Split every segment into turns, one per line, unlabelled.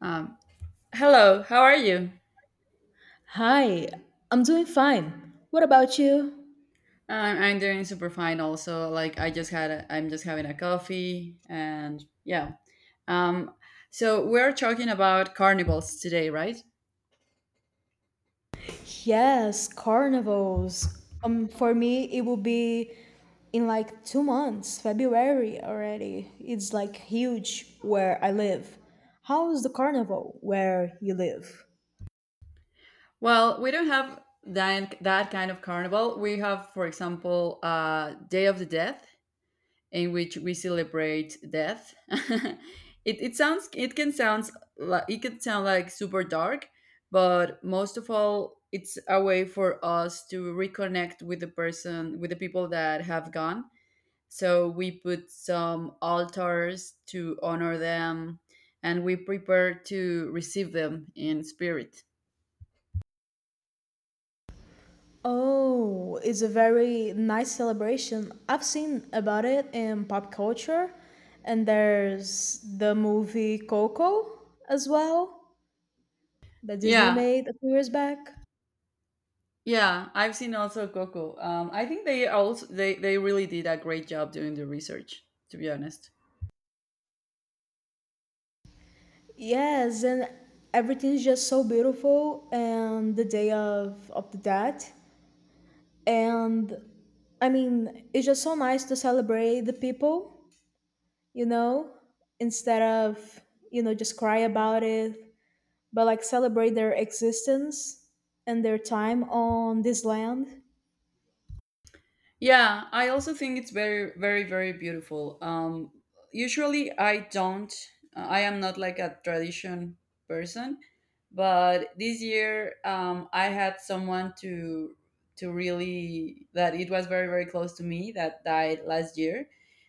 Um, Hello, how are you?
Hi, I'm doing fine. What about you?
I'm doing super fine. Also, like I just had, I'm just having a coffee, and yeah. Um, so we're talking about carnivals today, right?
Yes, carnivals. For me, it will be in like 2 months, February already. It's like huge where I live. How is the carnival where you live?
Well, we don't have that kind of carnival. We have, for example, Day of the Dead, in which we celebrate death. It sounds it can sounds it can sound like super dark, but most of all, it's a way for us to reconnect with the person with the people that have gone. So we put some altars to honor them, and we prepare to receive them in spirit.
Oh, it's a very nice celebration. I've seen about it in pop culture, and there's the movie Coco as well that Disney
Yeah,
made a few years back.
yeah, I've seen also Coco. I think they also they really did a great job doing the research. To be honest.
Yes, and everything's just so beautiful. And the day of the dead, and I mean, it's just so nice to celebrate the people, you know, instead of just cry about it, but like celebrate their existence and their time on this land.
Yeah, I also think it's very, very, very beautiful. Usually, I don't. I am not like a tradition person, but this year, I had someone to really that it was very, very close to me that died last year.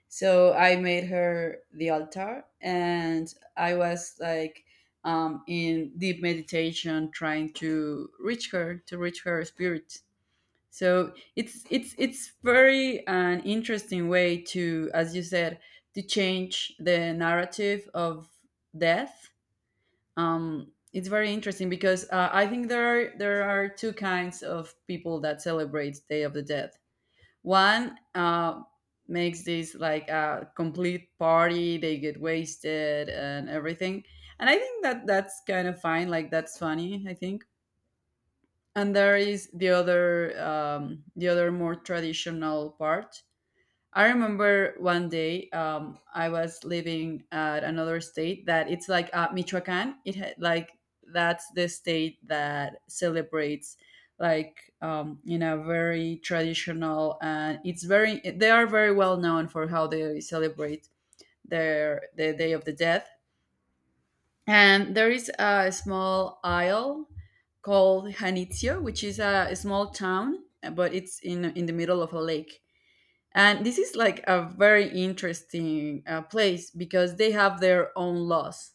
So I made her the altar, and I was like in deep meditation, trying to reach her spirit. So it's very an interesting way, to as you said, to change the narrative of death. It's very interesting because I think there are two kinds of people that celebrate Day of the Dead. One makes this like a complete party, they get wasted and everything, and I think that that's kind of fine, like that's funny, I think. And there is the other, the other more traditional part. I remember one day, I was living at another state that it's like, Michoacan. It had like, that's the state that celebrates, like, in a very traditional, and it's very, they are very well known for how they celebrate the Day of the Dead. And there is a small isle called Janitzio, which is a small town, but it's in the middle of a lake. And this is like a very interesting place because they have their own laws.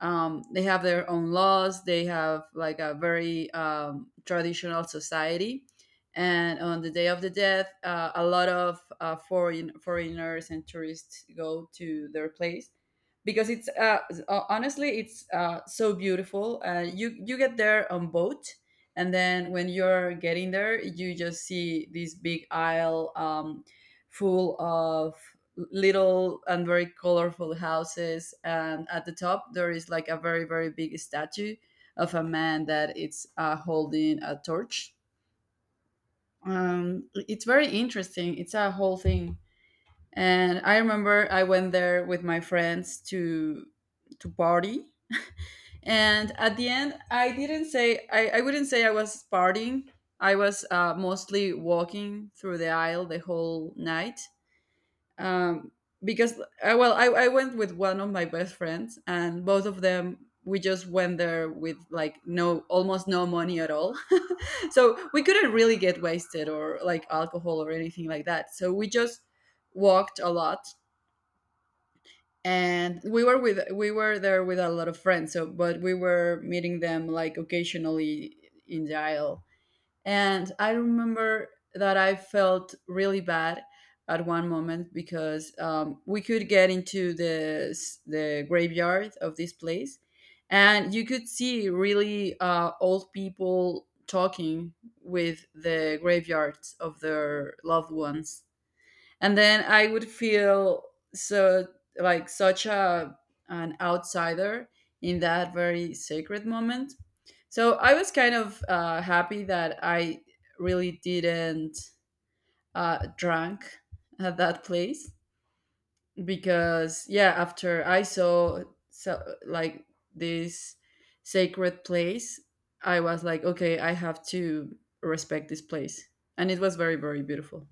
They have like a very traditional society, and on the Day of the Death, a lot of foreigners and tourists go to their place because it's honestly, it's so beautiful. You get there on boat, and then when you're getting there you just see this big aisle, full of little and very colorful houses, and at the top there is like a very very big statue of a man that it's holding a torch. It's very interesting, it's a whole thing. And I remember I went there with my friends to party, and at the end I wouldn't say I was partying. I was mostly walking through the aisle the whole night. Um, because Well, I went with one of my best friends, and both of them, we just went there with like no almost no money at all. So we couldn't really get wasted or like alcohol or anything like that, so we just walked a lot. And we were there with a lot of friends, so, but we were meeting them like occasionally in the aisle. And I remember that I felt really bad at one moment because we could get into the the graveyard of this place, and you could see really old people talking with the graveyards of their loved ones, and then I would feel so like such a, an outsider in that very sacred moment. So I was kind of happy that I really didn't drunk at that place, because yeah, after I saw so like this sacred place, I was like, okay, I have to respect this place, and it was very very beautiful.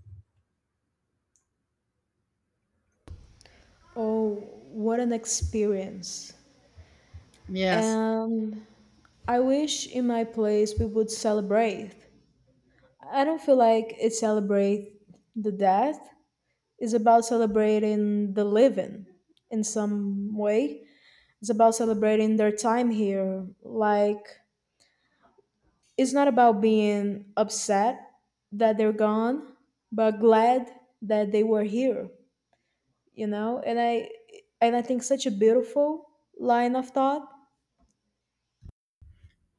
Oh, what an experience!
Yes.
And I wish in my place we would celebrate. I don't feel like it celebrates the death. Is about celebrating the living in some way. It's about celebrating their time here. Like, it's not about being upset that they're gone, but glad that they were here, you know? And I think such a beautiful line of thought.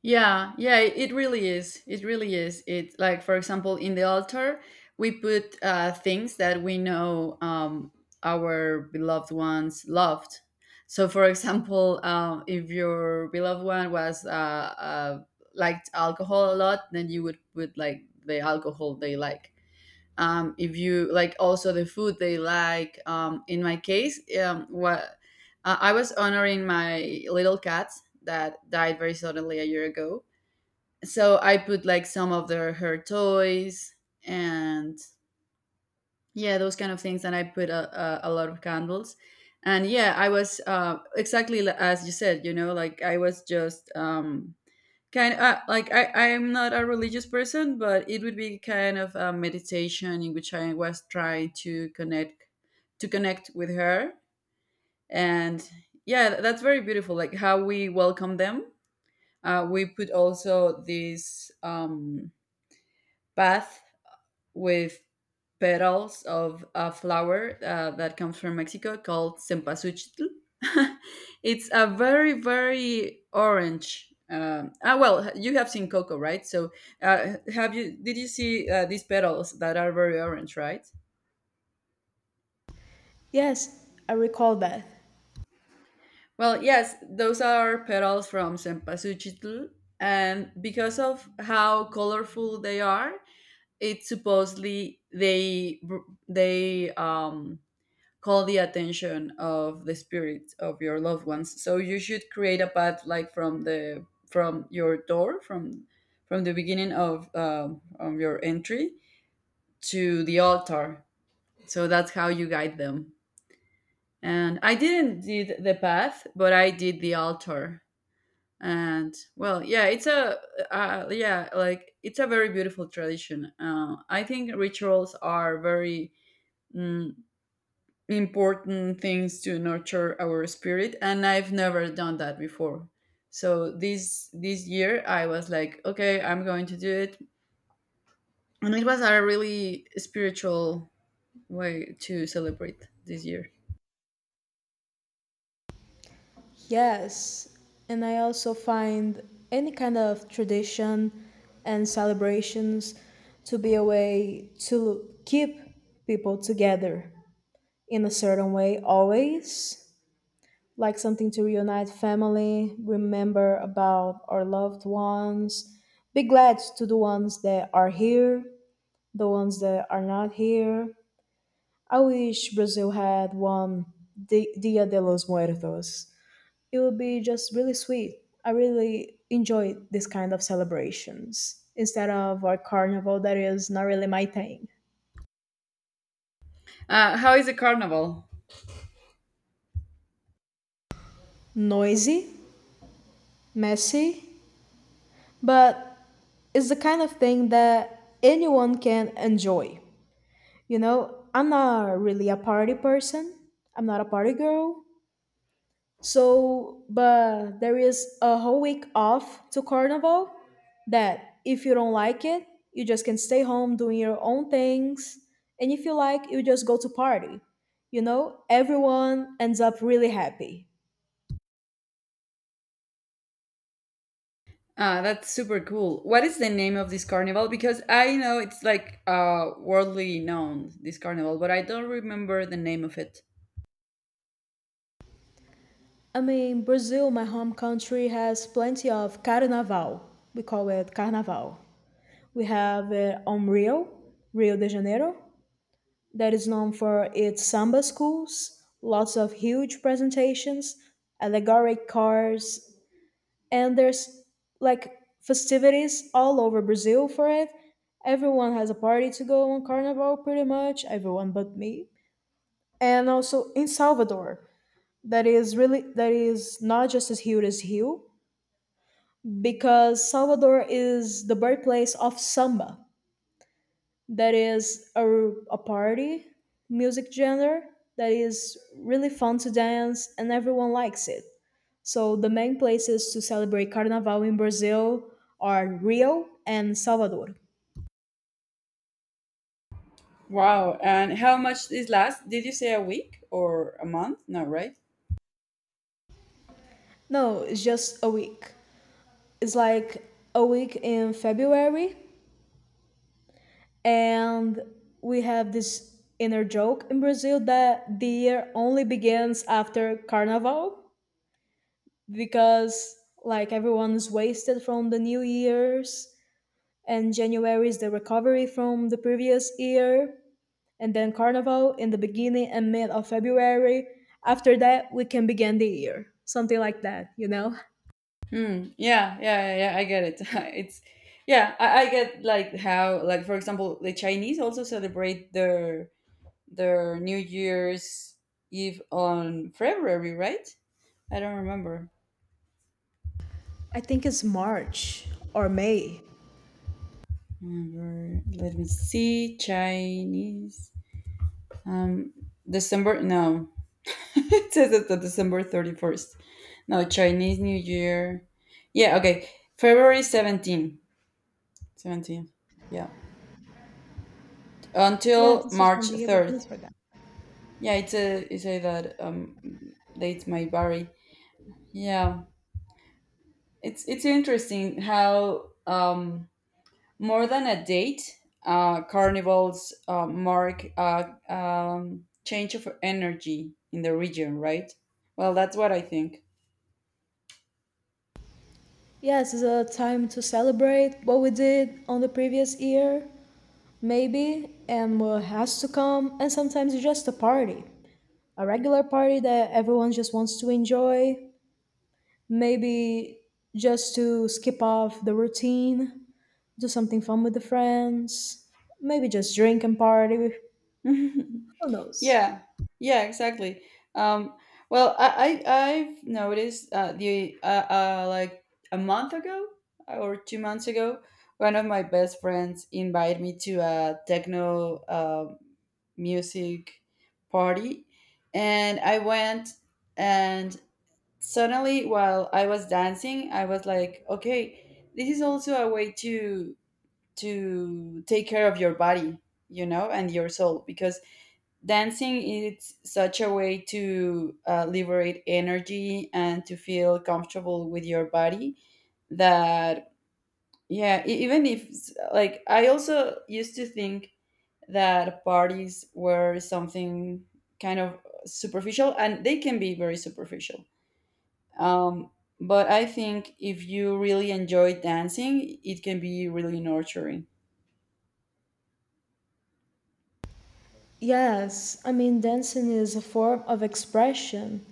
Yeah, yeah, it really is. It really is. It like, for example, in the altar we put things that we know our beloved ones loved. So for example, if your beloved one was liked alcohol a lot, then you would put like the alcohol they like. If you like also the food they like. In my case, what I was honoring my little cat that died very suddenly a year ago, so I put like some of her toys and yeah, those kind of things. And I put a lot of candles. And yeah, I was exactly as you said, you know, like I was just kind of like I'm not a religious person, but it would be kind of a meditation in which I was trying to connect with her. And yeah, that's very beautiful. Like how we welcome them. We put also this bath with petals of a flower that comes from Mexico called cempasúchil. It's a very very orange. Well, you have seen Cocoa, right? So, have you? Did you see these petals that are very orange, right?
Yes, I recall that.
Well, yes, those are petals from cempasúchil, and because of how colorful they are, it supposedly they call the attention of the spirits of your loved ones. So you should create a path like from your door, from the beginning of your entry to the altar. So that's how you guide them. And I didn't did the path, but I did the altar. And well, yeah, it's a yeah, like it's a very beautiful tradition. I think rituals are very mm, important things to nurture our spirit, and I've never done that before. So this year I was like, okay, I'm going to do it. And it was a really spiritual way to celebrate this year.
Yes, and I also find any kind of tradition and celebrations to be a way to keep people together in a certain way, always like something to reunite family, remember about our loved ones, be glad to the ones that are here, the ones that are not here. I wish Brazil had one Di- Dia de los Muertos. It would be just really sweet. I really enjoy this kind of celebrations instead of a carnival that is not really my thing.
How is the carnival?
Noisy, messy, but it's the kind of thing that anyone can enjoy. You know, I'm not really a party person, I'm not a party girl. So, but there is a whole week off to Carnival that if you don't like it, you just can stay home doing your own things. And if you like, you just go to party. You know, everyone ends up really happy.
Ah, that's super cool. What is the name of this carnival? Because I know it's like worldly known, this carnival, but I don't remember the name of it.
I mean, Brazil, my home country, has plenty of carnaval. We call it carnaval. We have it on Rio, Rio de Janeiro, that is known for its samba schools, lots of huge presentations, allegoric cars, and there's like festivities all over Brazil for it. Everyone has a party to go on carnival pretty much, everyone but me. And also in Salvador, that is really that is not just as huge as Rio because Salvador is the birthplace of samba. That is a party music genre that is really fun to dance and everyone likes it. So the main places to celebrate Carnaval in Brazil are Rio and Salvador.
Wow, and how much this last? Did you say a week or a month? No, right?
No, it's just a week. It's like a week in February, and we have this inner joke in Brazil that the year only begins after Carnaval because like everyone is wasted from the New Year's and January is the recovery from the previous year, and then Carnival in the beginning and mid of February. After that, we can begin the year, something like that, you know?
Hmm. Yeah, yeah, yeah, yeah, I get it. It's, yeah, I get like how, like for example, the Chinese also celebrate their New Year's Eve on February, right? I don't remember.
I think it's March or May.
Remember- Let me see Chinese. Um, December no, it says it's the December 31st. No, Chinese New Year. Yeah, okay, February 17. 17. Yeah,
Yeah,
until
this is
March
when the year
third.
begins for them.
Yeah, it's a you say that dates might vary. Yeah, it's interesting how more than a date, carnivals mark a change of energy in the region, right? Well, that's what I think.
Yes, it's a time to celebrate what we did on the previous year, maybe, and what has to come, and sometimes it's just a party. A regular party that everyone just wants to enjoy. Maybe just to skip off the routine, do something fun with the friends, maybe just drink and party. Who knows?
Yeah, yeah, exactly. Um, well, I've noticed the like a month ago, or 2 months ago, one of my best friends invited me to a techno music party, and I went. And suddenly, while I was dancing, I was like, okay, this is also a way to take care of your body, you know, and your soul, because dancing is such a way to liberate energy and to feel comfortable with your body. That yeah, even if, like, I also used to think that parties were something kind of superficial, and they can be very superficial, um, but I think if you really enjoy dancing it can be really nurturing.
Yes, I mean, dancing is a form of expression,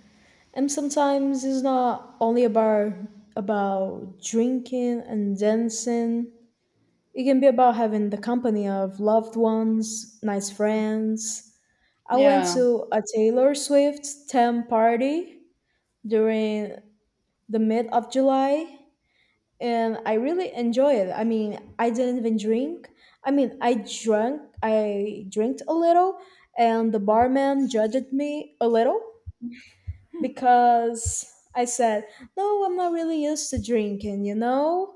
and sometimes it's not only about drinking and dancing. It can be about having the company of loved ones, nice friends. I went
Yeah.
to a Taylor Swift 10 party during the mid of July, and I really enjoy it. I mean, I didn't even drink. I mean, I drank a little, and the barman judged me a little because I said, "No, I'm not really used to drinking," you know.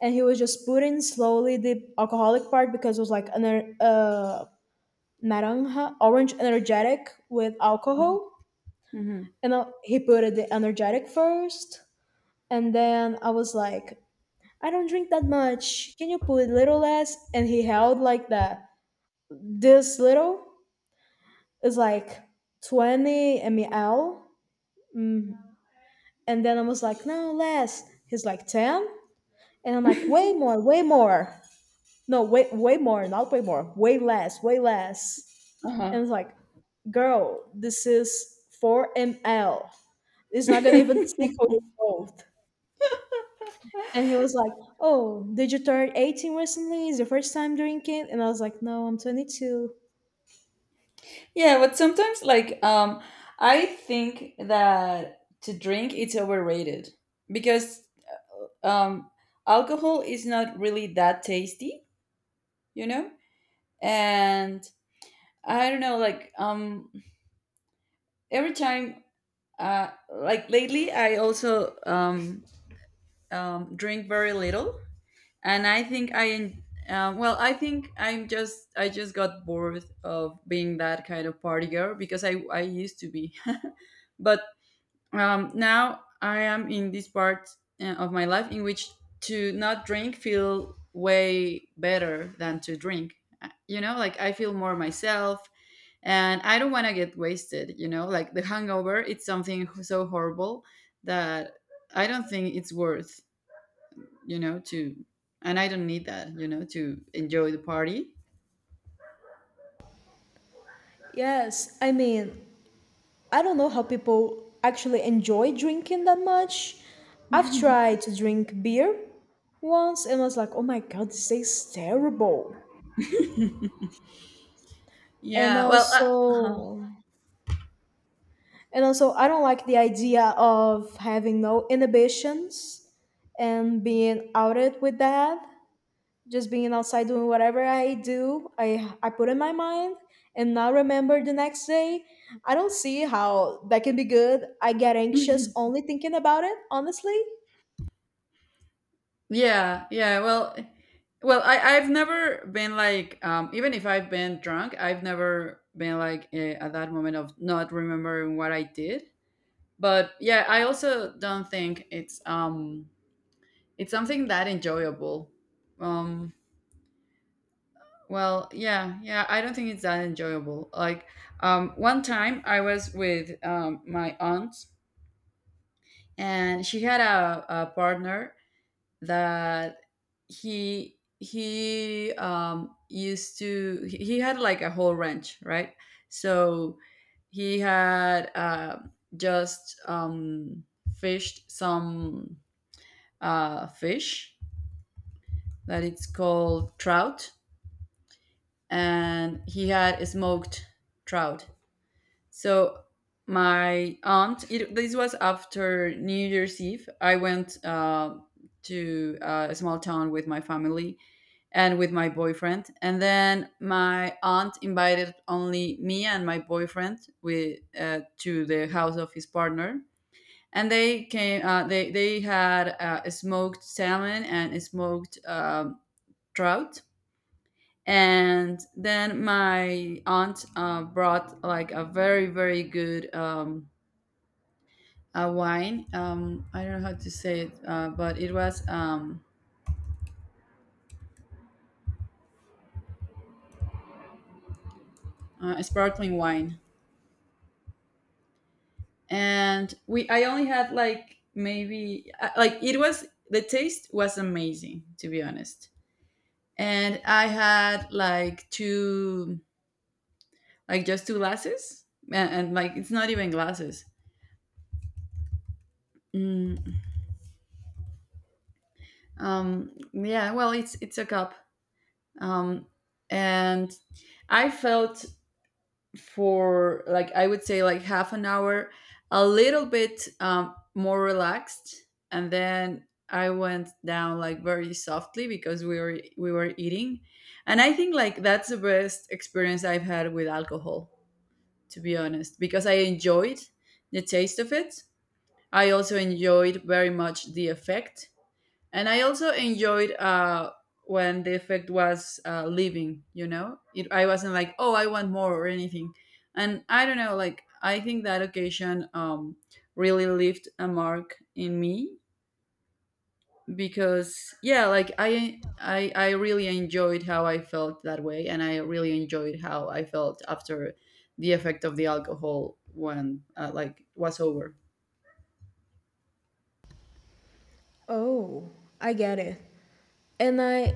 And he was just putting slowly the alcoholic part because it was like an naranja, orange energetic with alcohol,
Hmm.
and he put it the energetic first, and then I was like, I don't drink that much. Can you put a little less? And he held like the this little is like 20 ml. Mm. And then I was like, no, less. He's like 10. And I'm like, way more, way more. No, way, way more, not way more, way less, way less. And
Uh-huh.
it's like, girl, this is 4 ml. It's not going to even tickle you both. And he was like, "Oh, did you turn 18 recently? Is your first time drinking?" And I was like, "No, I'm 22."
Yeah, but sometimes like I think that to drink it's overrated, because um alcohol is not really that tasty, you know? And I don't know like every time like lately I also drink very little. And I think well, I think I just got bored of being that kind of party girl, because I used to be. But now I am in this part of my life in which to not drink feel way better than to drink. You know, like I feel more myself, and I don't want to get wasted, you know, like the hangover, it's something so horrible that I don't think it's worth, you know, and I don't need that, you know, to enjoy the party.
Yes, I mean, I don't know how people actually enjoy drinking that much. I've tried to drink beer once and I was like, "Oh my god, this tastes terrible." And
Yeah. Well, uh-huh.
also, and also, I don't like the idea of having no inhibitions and being outed with that. Just being outside doing whatever I do, I put in my mind and now remember the next day. I don't see how that can be good. I get anxious only thinking about it, honestly.
Yeah, yeah. Well, well, I've never been like even if I've been drunk, I've never been like at that moment of not remembering what I did. But yeah, I also don't think it's something that enjoyable. Um well, yeah, yeah, I don't think it's that enjoyable. Like, one time I was with my aunt, and she had a partner that he used to he had like a whole ranch, right? So he had just fished some fish that it's called trout, and he had smoked trout. So my aunt, this was after New Year's Eve. I went to a small town with my family and with my boyfriend, and then my aunt invited only me and my boyfriend with to the house of his partner. And they came. They had a smoked salmon and a smoked trout. And then my aunt brought like a very, very good a wine. I don't know how to say it, but it was a sparkling wine. And we. I only had like maybe like it was the taste was amazing, to be honest, and I had like two like just two glasses, and like, it's not even glasses. Mm, yeah, well, it's a cup, um, and I felt for, like, I would say, like, half an hour a little bit more relaxed, and then I went down like very softly because we were eating, and I think, like, that's the best experience I've had with alcohol, to be honest, because I enjoyed the taste of it. I also enjoyed very much the effect, and I also enjoyed when the effect was leaving, it, I wasn't like, oh, I want more or anything, and I don't know, like, I think that occasion really left a mark in me, because, yeah, like, I really enjoyed how I felt that way, and I really enjoyed how I felt after the effect of the alcohol when like, was over.
Oh, I get it. And I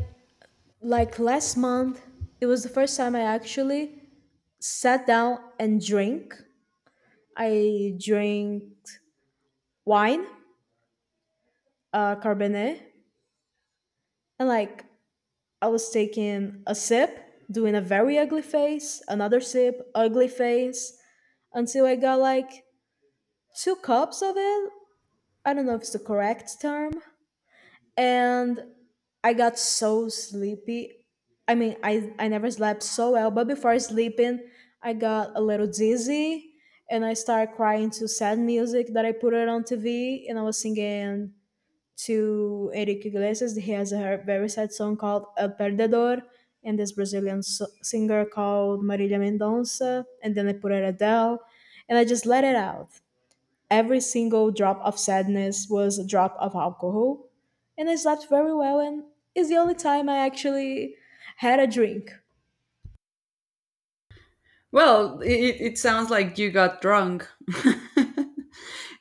like last month, it was the first time I actually sat down and drank. I drank wine, Cabernet, and like I was taking a sip, doing a very ugly face, another sip, ugly face, until I got like two cups of it. I don't know if it's the correct term. And I got so sleepy. I mean, I never slept so well, but before sleeping, I got a little dizzy and I started crying to sad music that I put it on TV and I was singing to Eric Iglesias. He has a very sad song called El Perdedor, and this Brazilian singer called Marília Mendonça, and then I put it Adele, and I just let it out. Every single drop of sadness was a drop of alcohol, and I slept very well, and it's the only time I actually had a drink.
Well, it sounds like you got drunk.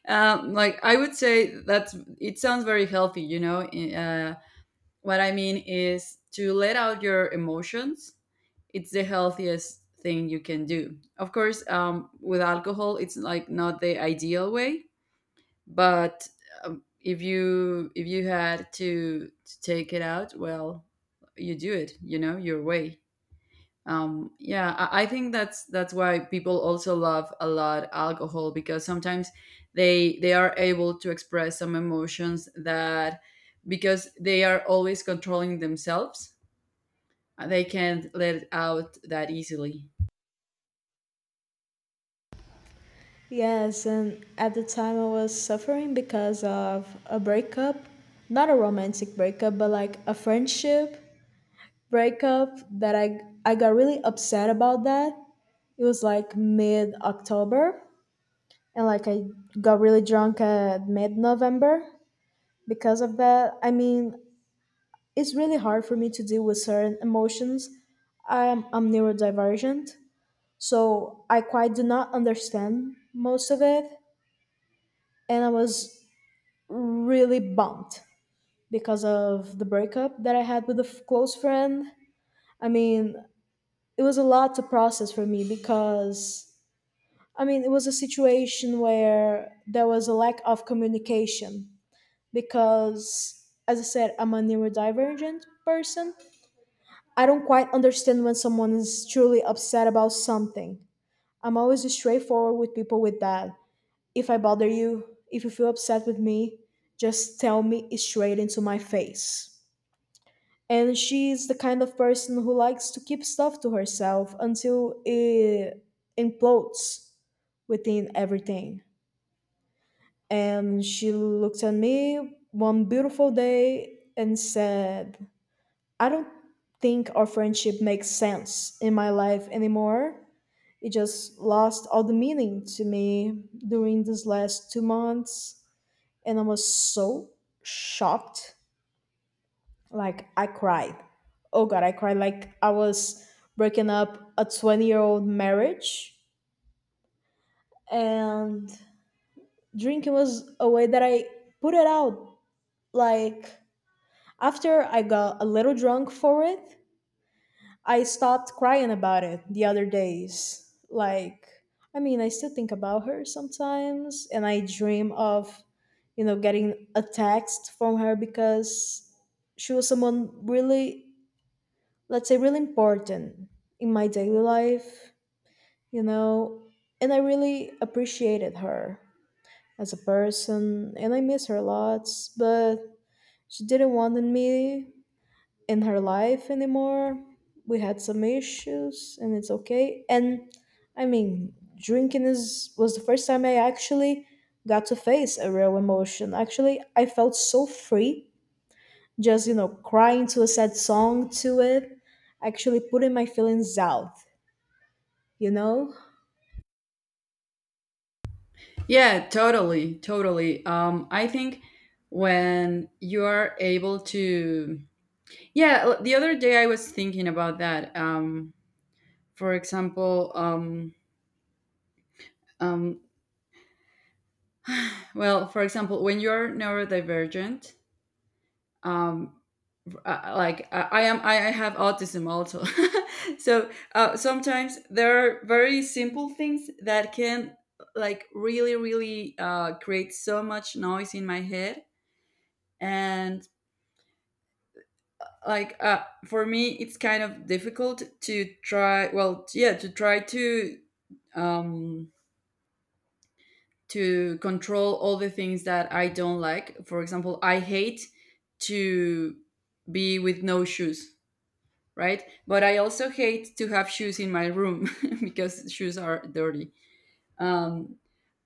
Like, I would say that it sounds very healthy. You know, what I mean is to let out your emotions. It's the healthiest thing you can do. Of course, with alcohol, it's, like, not the ideal way, but if you had to take it out, well, you do it. You know, your way. Yeah, I think that's why people also love a lot alcohol, because sometimes they are able to express some emotions that, because they are always controlling themselves, they can't let it out that easily.
Yes, and at the time I was suffering because of a breakup, not a romantic breakup, but like a friendship breakup that I got really upset about that. It was like mid October and like I got really drunk at mid November because of that. I mean, it's really hard for me to deal with certain emotions. I'm neurodivergent, so I quite do not understand most of it and I was really bummed because of the breakup that I had with a close friend. I mean, it was a lot to process for me because I mean, it was a situation where there was a lack of communication because, as I said, I'm a neurodivergent person. I don't quite understand when someone is truly upset about something. I'm always straightforward with people with that. If I bother you, if you feel upset with me, just tell me straight into my face. And she's the kind of person who likes to keep stuff to herself until it implodes within everything. And she looked at me one beautiful day and said, I don't think our friendship makes sense in my life anymore. It just lost all the meaning to me during these last 2 months. And I was so shocked. Like, I cried. Oh God, I cried like I was breaking up a 20-year-old marriage. And drinking was a way that I put it out. Like, after I got a little drunk for it, I stopped crying about it the other days. Like, I mean, I still think about her sometimes, and I dream of, you know, getting a text from her because she was someone really, let's say, really important in my daily life, you know, and I really appreciated her as a person, and I miss her lots, but she didn't want me in her life anymore. We had some issues and it's okay. And I mean, drinking is was the first time I actually got to face a real emotion. Actually, I felt so free just, you know, crying to a sad song to it, actually putting my feelings out, you know?
Yeah, totally, totally, I think when you are able to... Yeah, the other day I was thinking about that. For example. Um Well, for example, when you're neurodivergent, um, like, I am, I have autism also. So, sometimes there are very simple things that can, like, really, really, create so much noise in my head. And, like, for me, it's kind of difficult to try um, to control all the things that I don't like. For example, I hate to be with no shoes, right? But I also hate to have shoes in my room because shoes are dirty. Um,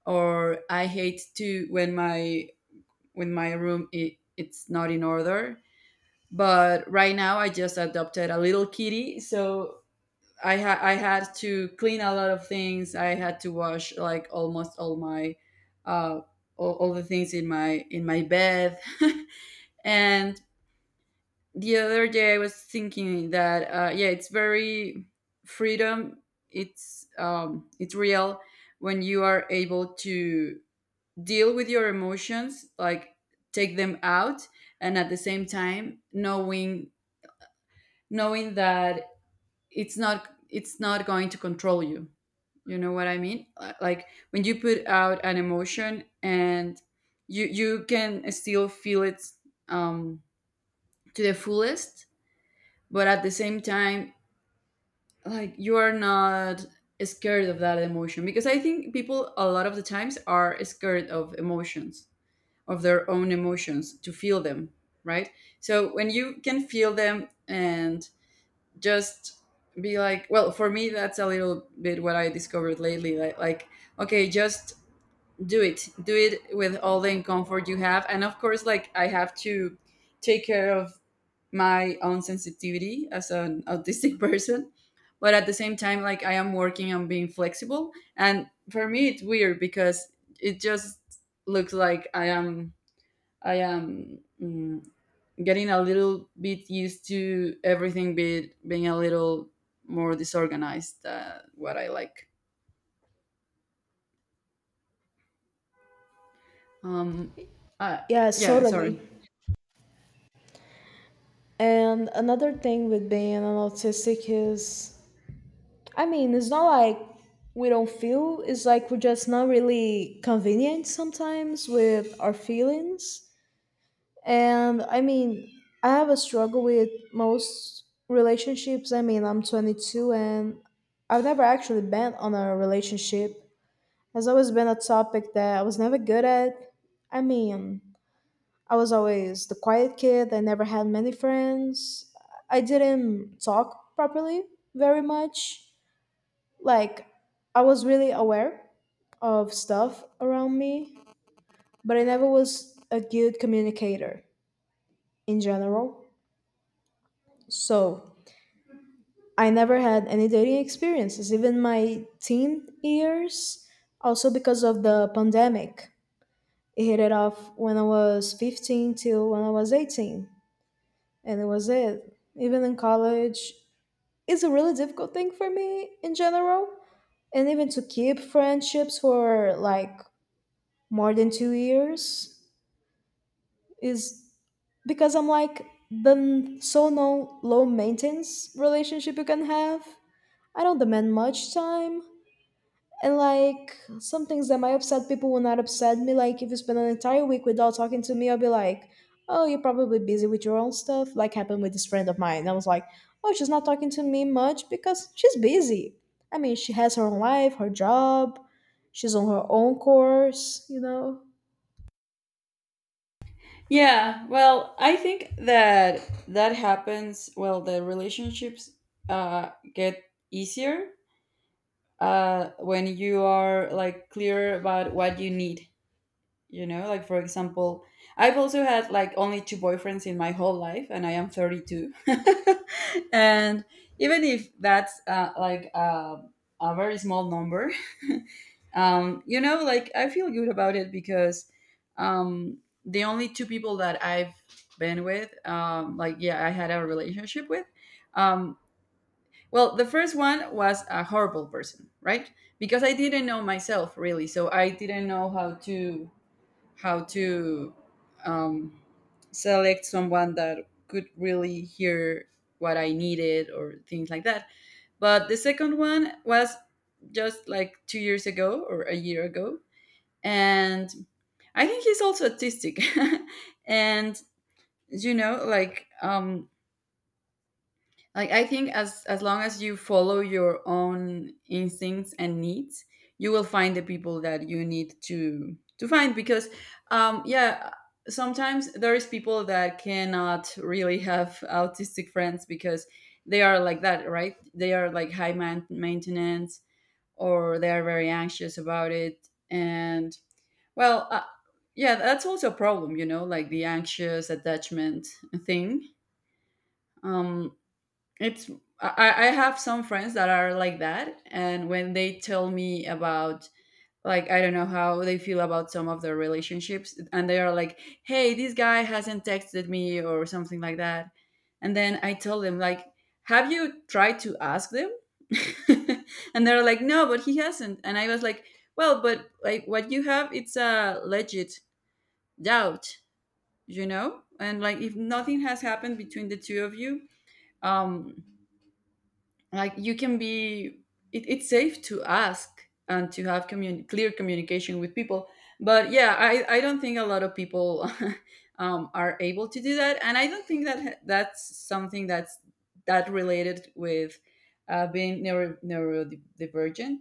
or I hate to, when my room, it's not in order. But right now, I just adopted a little kitty, so I had to clean a lot of things. I had to wash like almost all uh, the things in my bed. And the other day, I was thinking that, yeah, it's very freedom. It's real when you are able to deal with your emotions, like, take them out, and at the same time knowing that it's not going to control you. You know what I mean? Like, when you put out an emotion, and you can still feel it, um, to the fullest, but at the same time, like, you are not scared of that emotion, because I think people a lot of the times are scared of emotions, of their own emotions, to feel them, right? So when you can feel them, and just be like, well, for me, that's a little bit what I discovered lately. Like, okay, just do it with all the comfort you have, and of course, like, I have to take care of my own sensitivity as an autistic person. But at the same time, like, I am working on being flexible. And for me it's weird because it just looks like I am getting a little bit used to everything being a little more disorganized than what I like. um uh,
Yes,
yeah, sorry.
totally. And another thing with being an autistic is I mean, it's not like we don't feel, it's like we're just not really convenient sometimes with our feelings. And I mean, I have a struggle with most relationships. I mean, I'm 22 and I've never actually been on a relationship. Has always been a topic that I was never good at. I mean, I was always the quiet kid. I never had many friends. I didn't talk properly very much, like I was really aware of stuff around me, but I never was a good communicator in general. So I never had any dating experiences, even my teen years, also because of the pandemic. It hit it off when I was 15 till when I was 18, and it was it. Even in college, it's a really difficult thing for me in general. And even to keep friendships for like more than 2 years is because I'm like the n- so no low maintenance relationship you can have. I don't demand much time. And like some things that might upset people will not upset me. Like if you spend an entire week without talking to me, I'll be like, oh, you're probably busy with your own stuff. Like happened with this friend of mine. I was like, oh, she's not talking to me much because she's busy. I mean she has her own life, her job, she's on her own course, you know.
Yeah, well, I think that happens. Well, the relationships, get easier, when you are, like, clear about what you need. You know, like, for example, I've also had, like, only two boyfriends in my whole life, and I am 32. And even if that's, a very small number, you know, like, I feel good about it because, um, the only two people that I've been with, like, yeah, I had a relationship with. Um, well, the first one was a horrible person, right? Because I didn't know myself really, so I didn't know how to um, select someone that could really hear what I needed, or things like that. But the second one was just like 2 years ago, or a year ago, and I think he's also autistic. And, you know, like, like, I think as long as you follow your own instincts and needs, you will find the people that you need to find, because, yeah, sometimes there is people that cannot really have autistic friends, because they are like that, right? They are like high maintenance, or they are very anxious about it, and, well, yeah, that's also a problem, you know, like, the anxious attachment thing. Um, it's I have some friends that are like that, and when they tell me about, like, I don't know how they feel about some of their relationships, and they are like, "Hey, this guy hasn't texted me," or something like that, and then I tell them, like, "Have you tried to ask them?" And they're like, "No, but he hasn't," and I was like, "Well, but, like, what you have, it's a legit doubt, you know? And, like, if nothing has happened between the two of you, um like, you can be it, it's safe to ask, and to have clear communication with people." But, yeah, I don't think a lot of people are able to do that, and I don't think that's something that's that related with, being neurodivergent.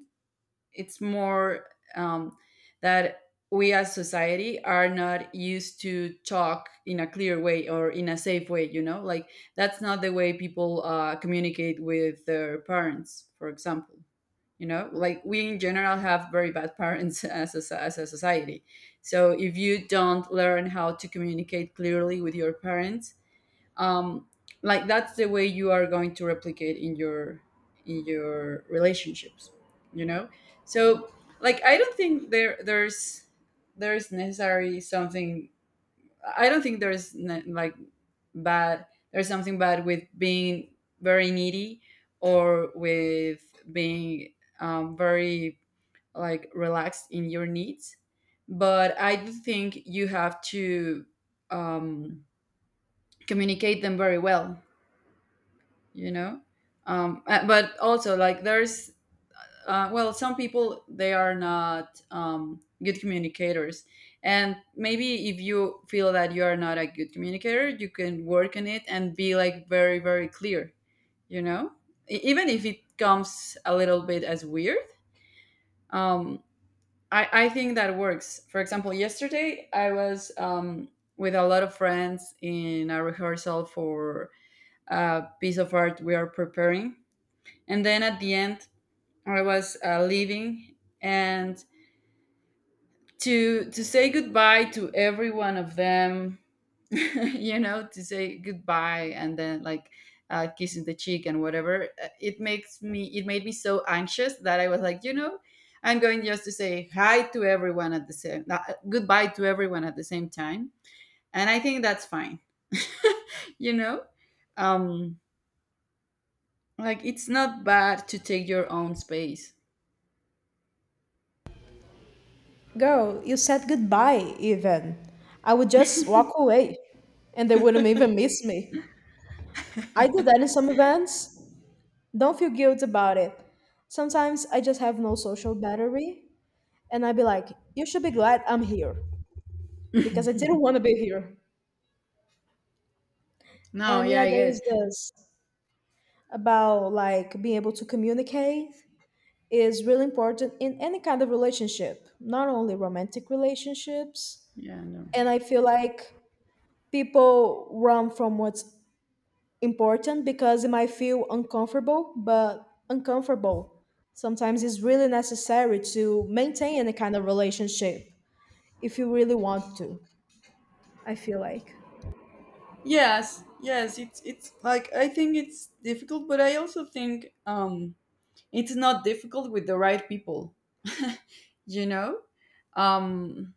It's more, um, that we as society are not used to talk in a clear way, or in a safe way. You know, like, that's not the way people communicate with their parents, for example. You know, like, we in general have very bad parents as a society. So if you don't learn how to communicate clearly with your parents, um, like, that's the way you are going to replicate in your relationships, you know. So, like, I don't think there's necessary something. I don't think there's like, bad. There's something bad with being very needy, or with being very, like, relaxed in your needs. But I do think you have to, um, communicate them very well, you know. But also, like, there's, well, some people, they are not good communicators. And maybe, if you feel that you are not a good communicator, you can work on it and be, like, very, very clear, you know. Even if it comes a little bit as weird. um, I think that works. For example, yesterday I was, with a lot of friends in a rehearsal for a piece of art we are preparing, and then at the end I was, leaving, and to say goodbye to every one of them, you know, to say goodbye, and then, like, kissing the cheek and whatever, it made me so anxious that I was like, you know, I'm going just to say hi to everyone at the same goodbye to everyone at the same time. And I think that's fine. You know, um like, it's not bad to take your own space.
Girl, you said goodbye, even. I would just walk away, and they wouldn't even miss me. I do that in some events. Don't feel guilt about it. Sometimes I just have no social battery, and I'd be like, you should be glad I'm here, because I didn't want to be here.
No,
And
yeah,
yeah,
I
there
get
is
it.
this about like being able to communicate is really important in any kind of relationship, not only romantic relationships.
Yeah, no.
And I feel like people run from what's important because it might feel uncomfortable, but uncomfortable sometimes is really necessary to maintain any kind of relationship if you really want to. I feel like.
Yes, yes, it's like, I think it's difficult, but I also think, it's not difficult with the right people. You know? Um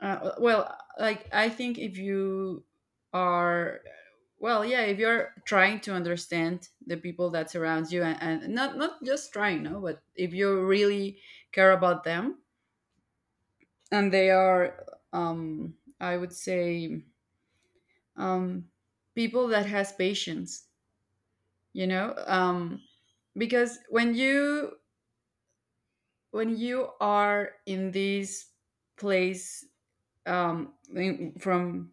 well, like, I think if you are well, yeah, if you're trying to understand the people that surrounds you, and not just trying, no, but if you really care about them, and they are, I would say, um, people that has patience, you know. Because when you are in this place, from...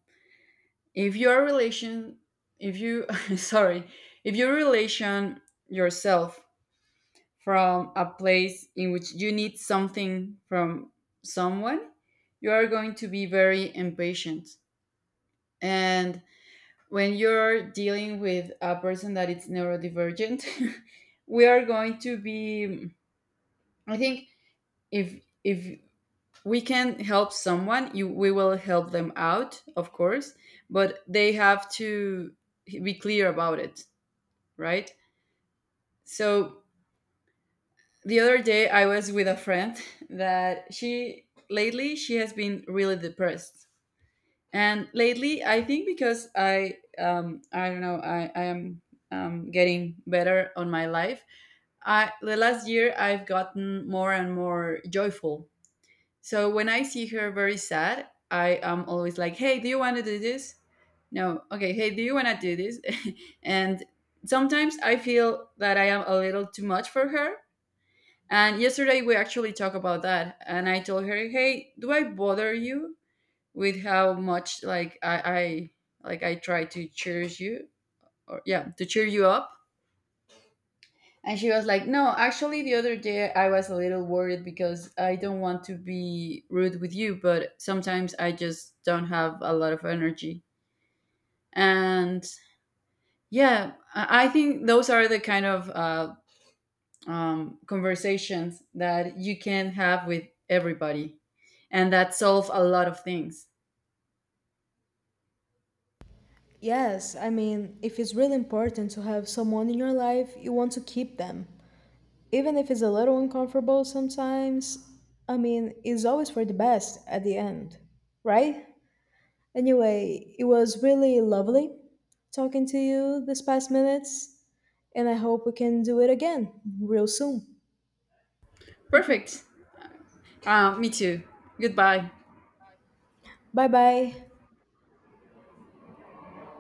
if your relation if you, sorry, if you relation yourself from a place in which you need something from someone, you are going to be very impatient. And when you're dealing with a person that is neurodivergent, we are going to be... I think, if we can help someone, you we will help them, out of course. But they have to be clear about it, right? So, the other day I was with a friend that, she lately she has been really depressed. And lately I think, because I don't know, I am, getting better on my life. I The last year I've gotten more and more joyful. So when I see her very sad, I am always like, "Hey, do you want to do this?" "No." "Okay, hey, do you want to do this?" And sometimes I feel that I am a little too much for her. And yesterday, we actually talked about that, and I told her, "Hey, do I bother you with how much, like, I try to cheers you or yeah to cheer you up." And she was like, "No, actually, the other day I was a little worried because I don't want to be rude with you, but sometimes I just don't have a lot of energy." And, yeah, I think those are the kind of conversations that you can have with everybody, and that solve a lot of things.
Yes, I mean, if it's really important to have someone in your life, you want to keep them. Even if it's a little uncomfortable sometimes, I mean, it's always for the best at the end, right? Anyway, it was really lovely talking to you this past minutes, and I hope we can do it again real soon.
Perfect. Me too. Goodbye.
Bye bye.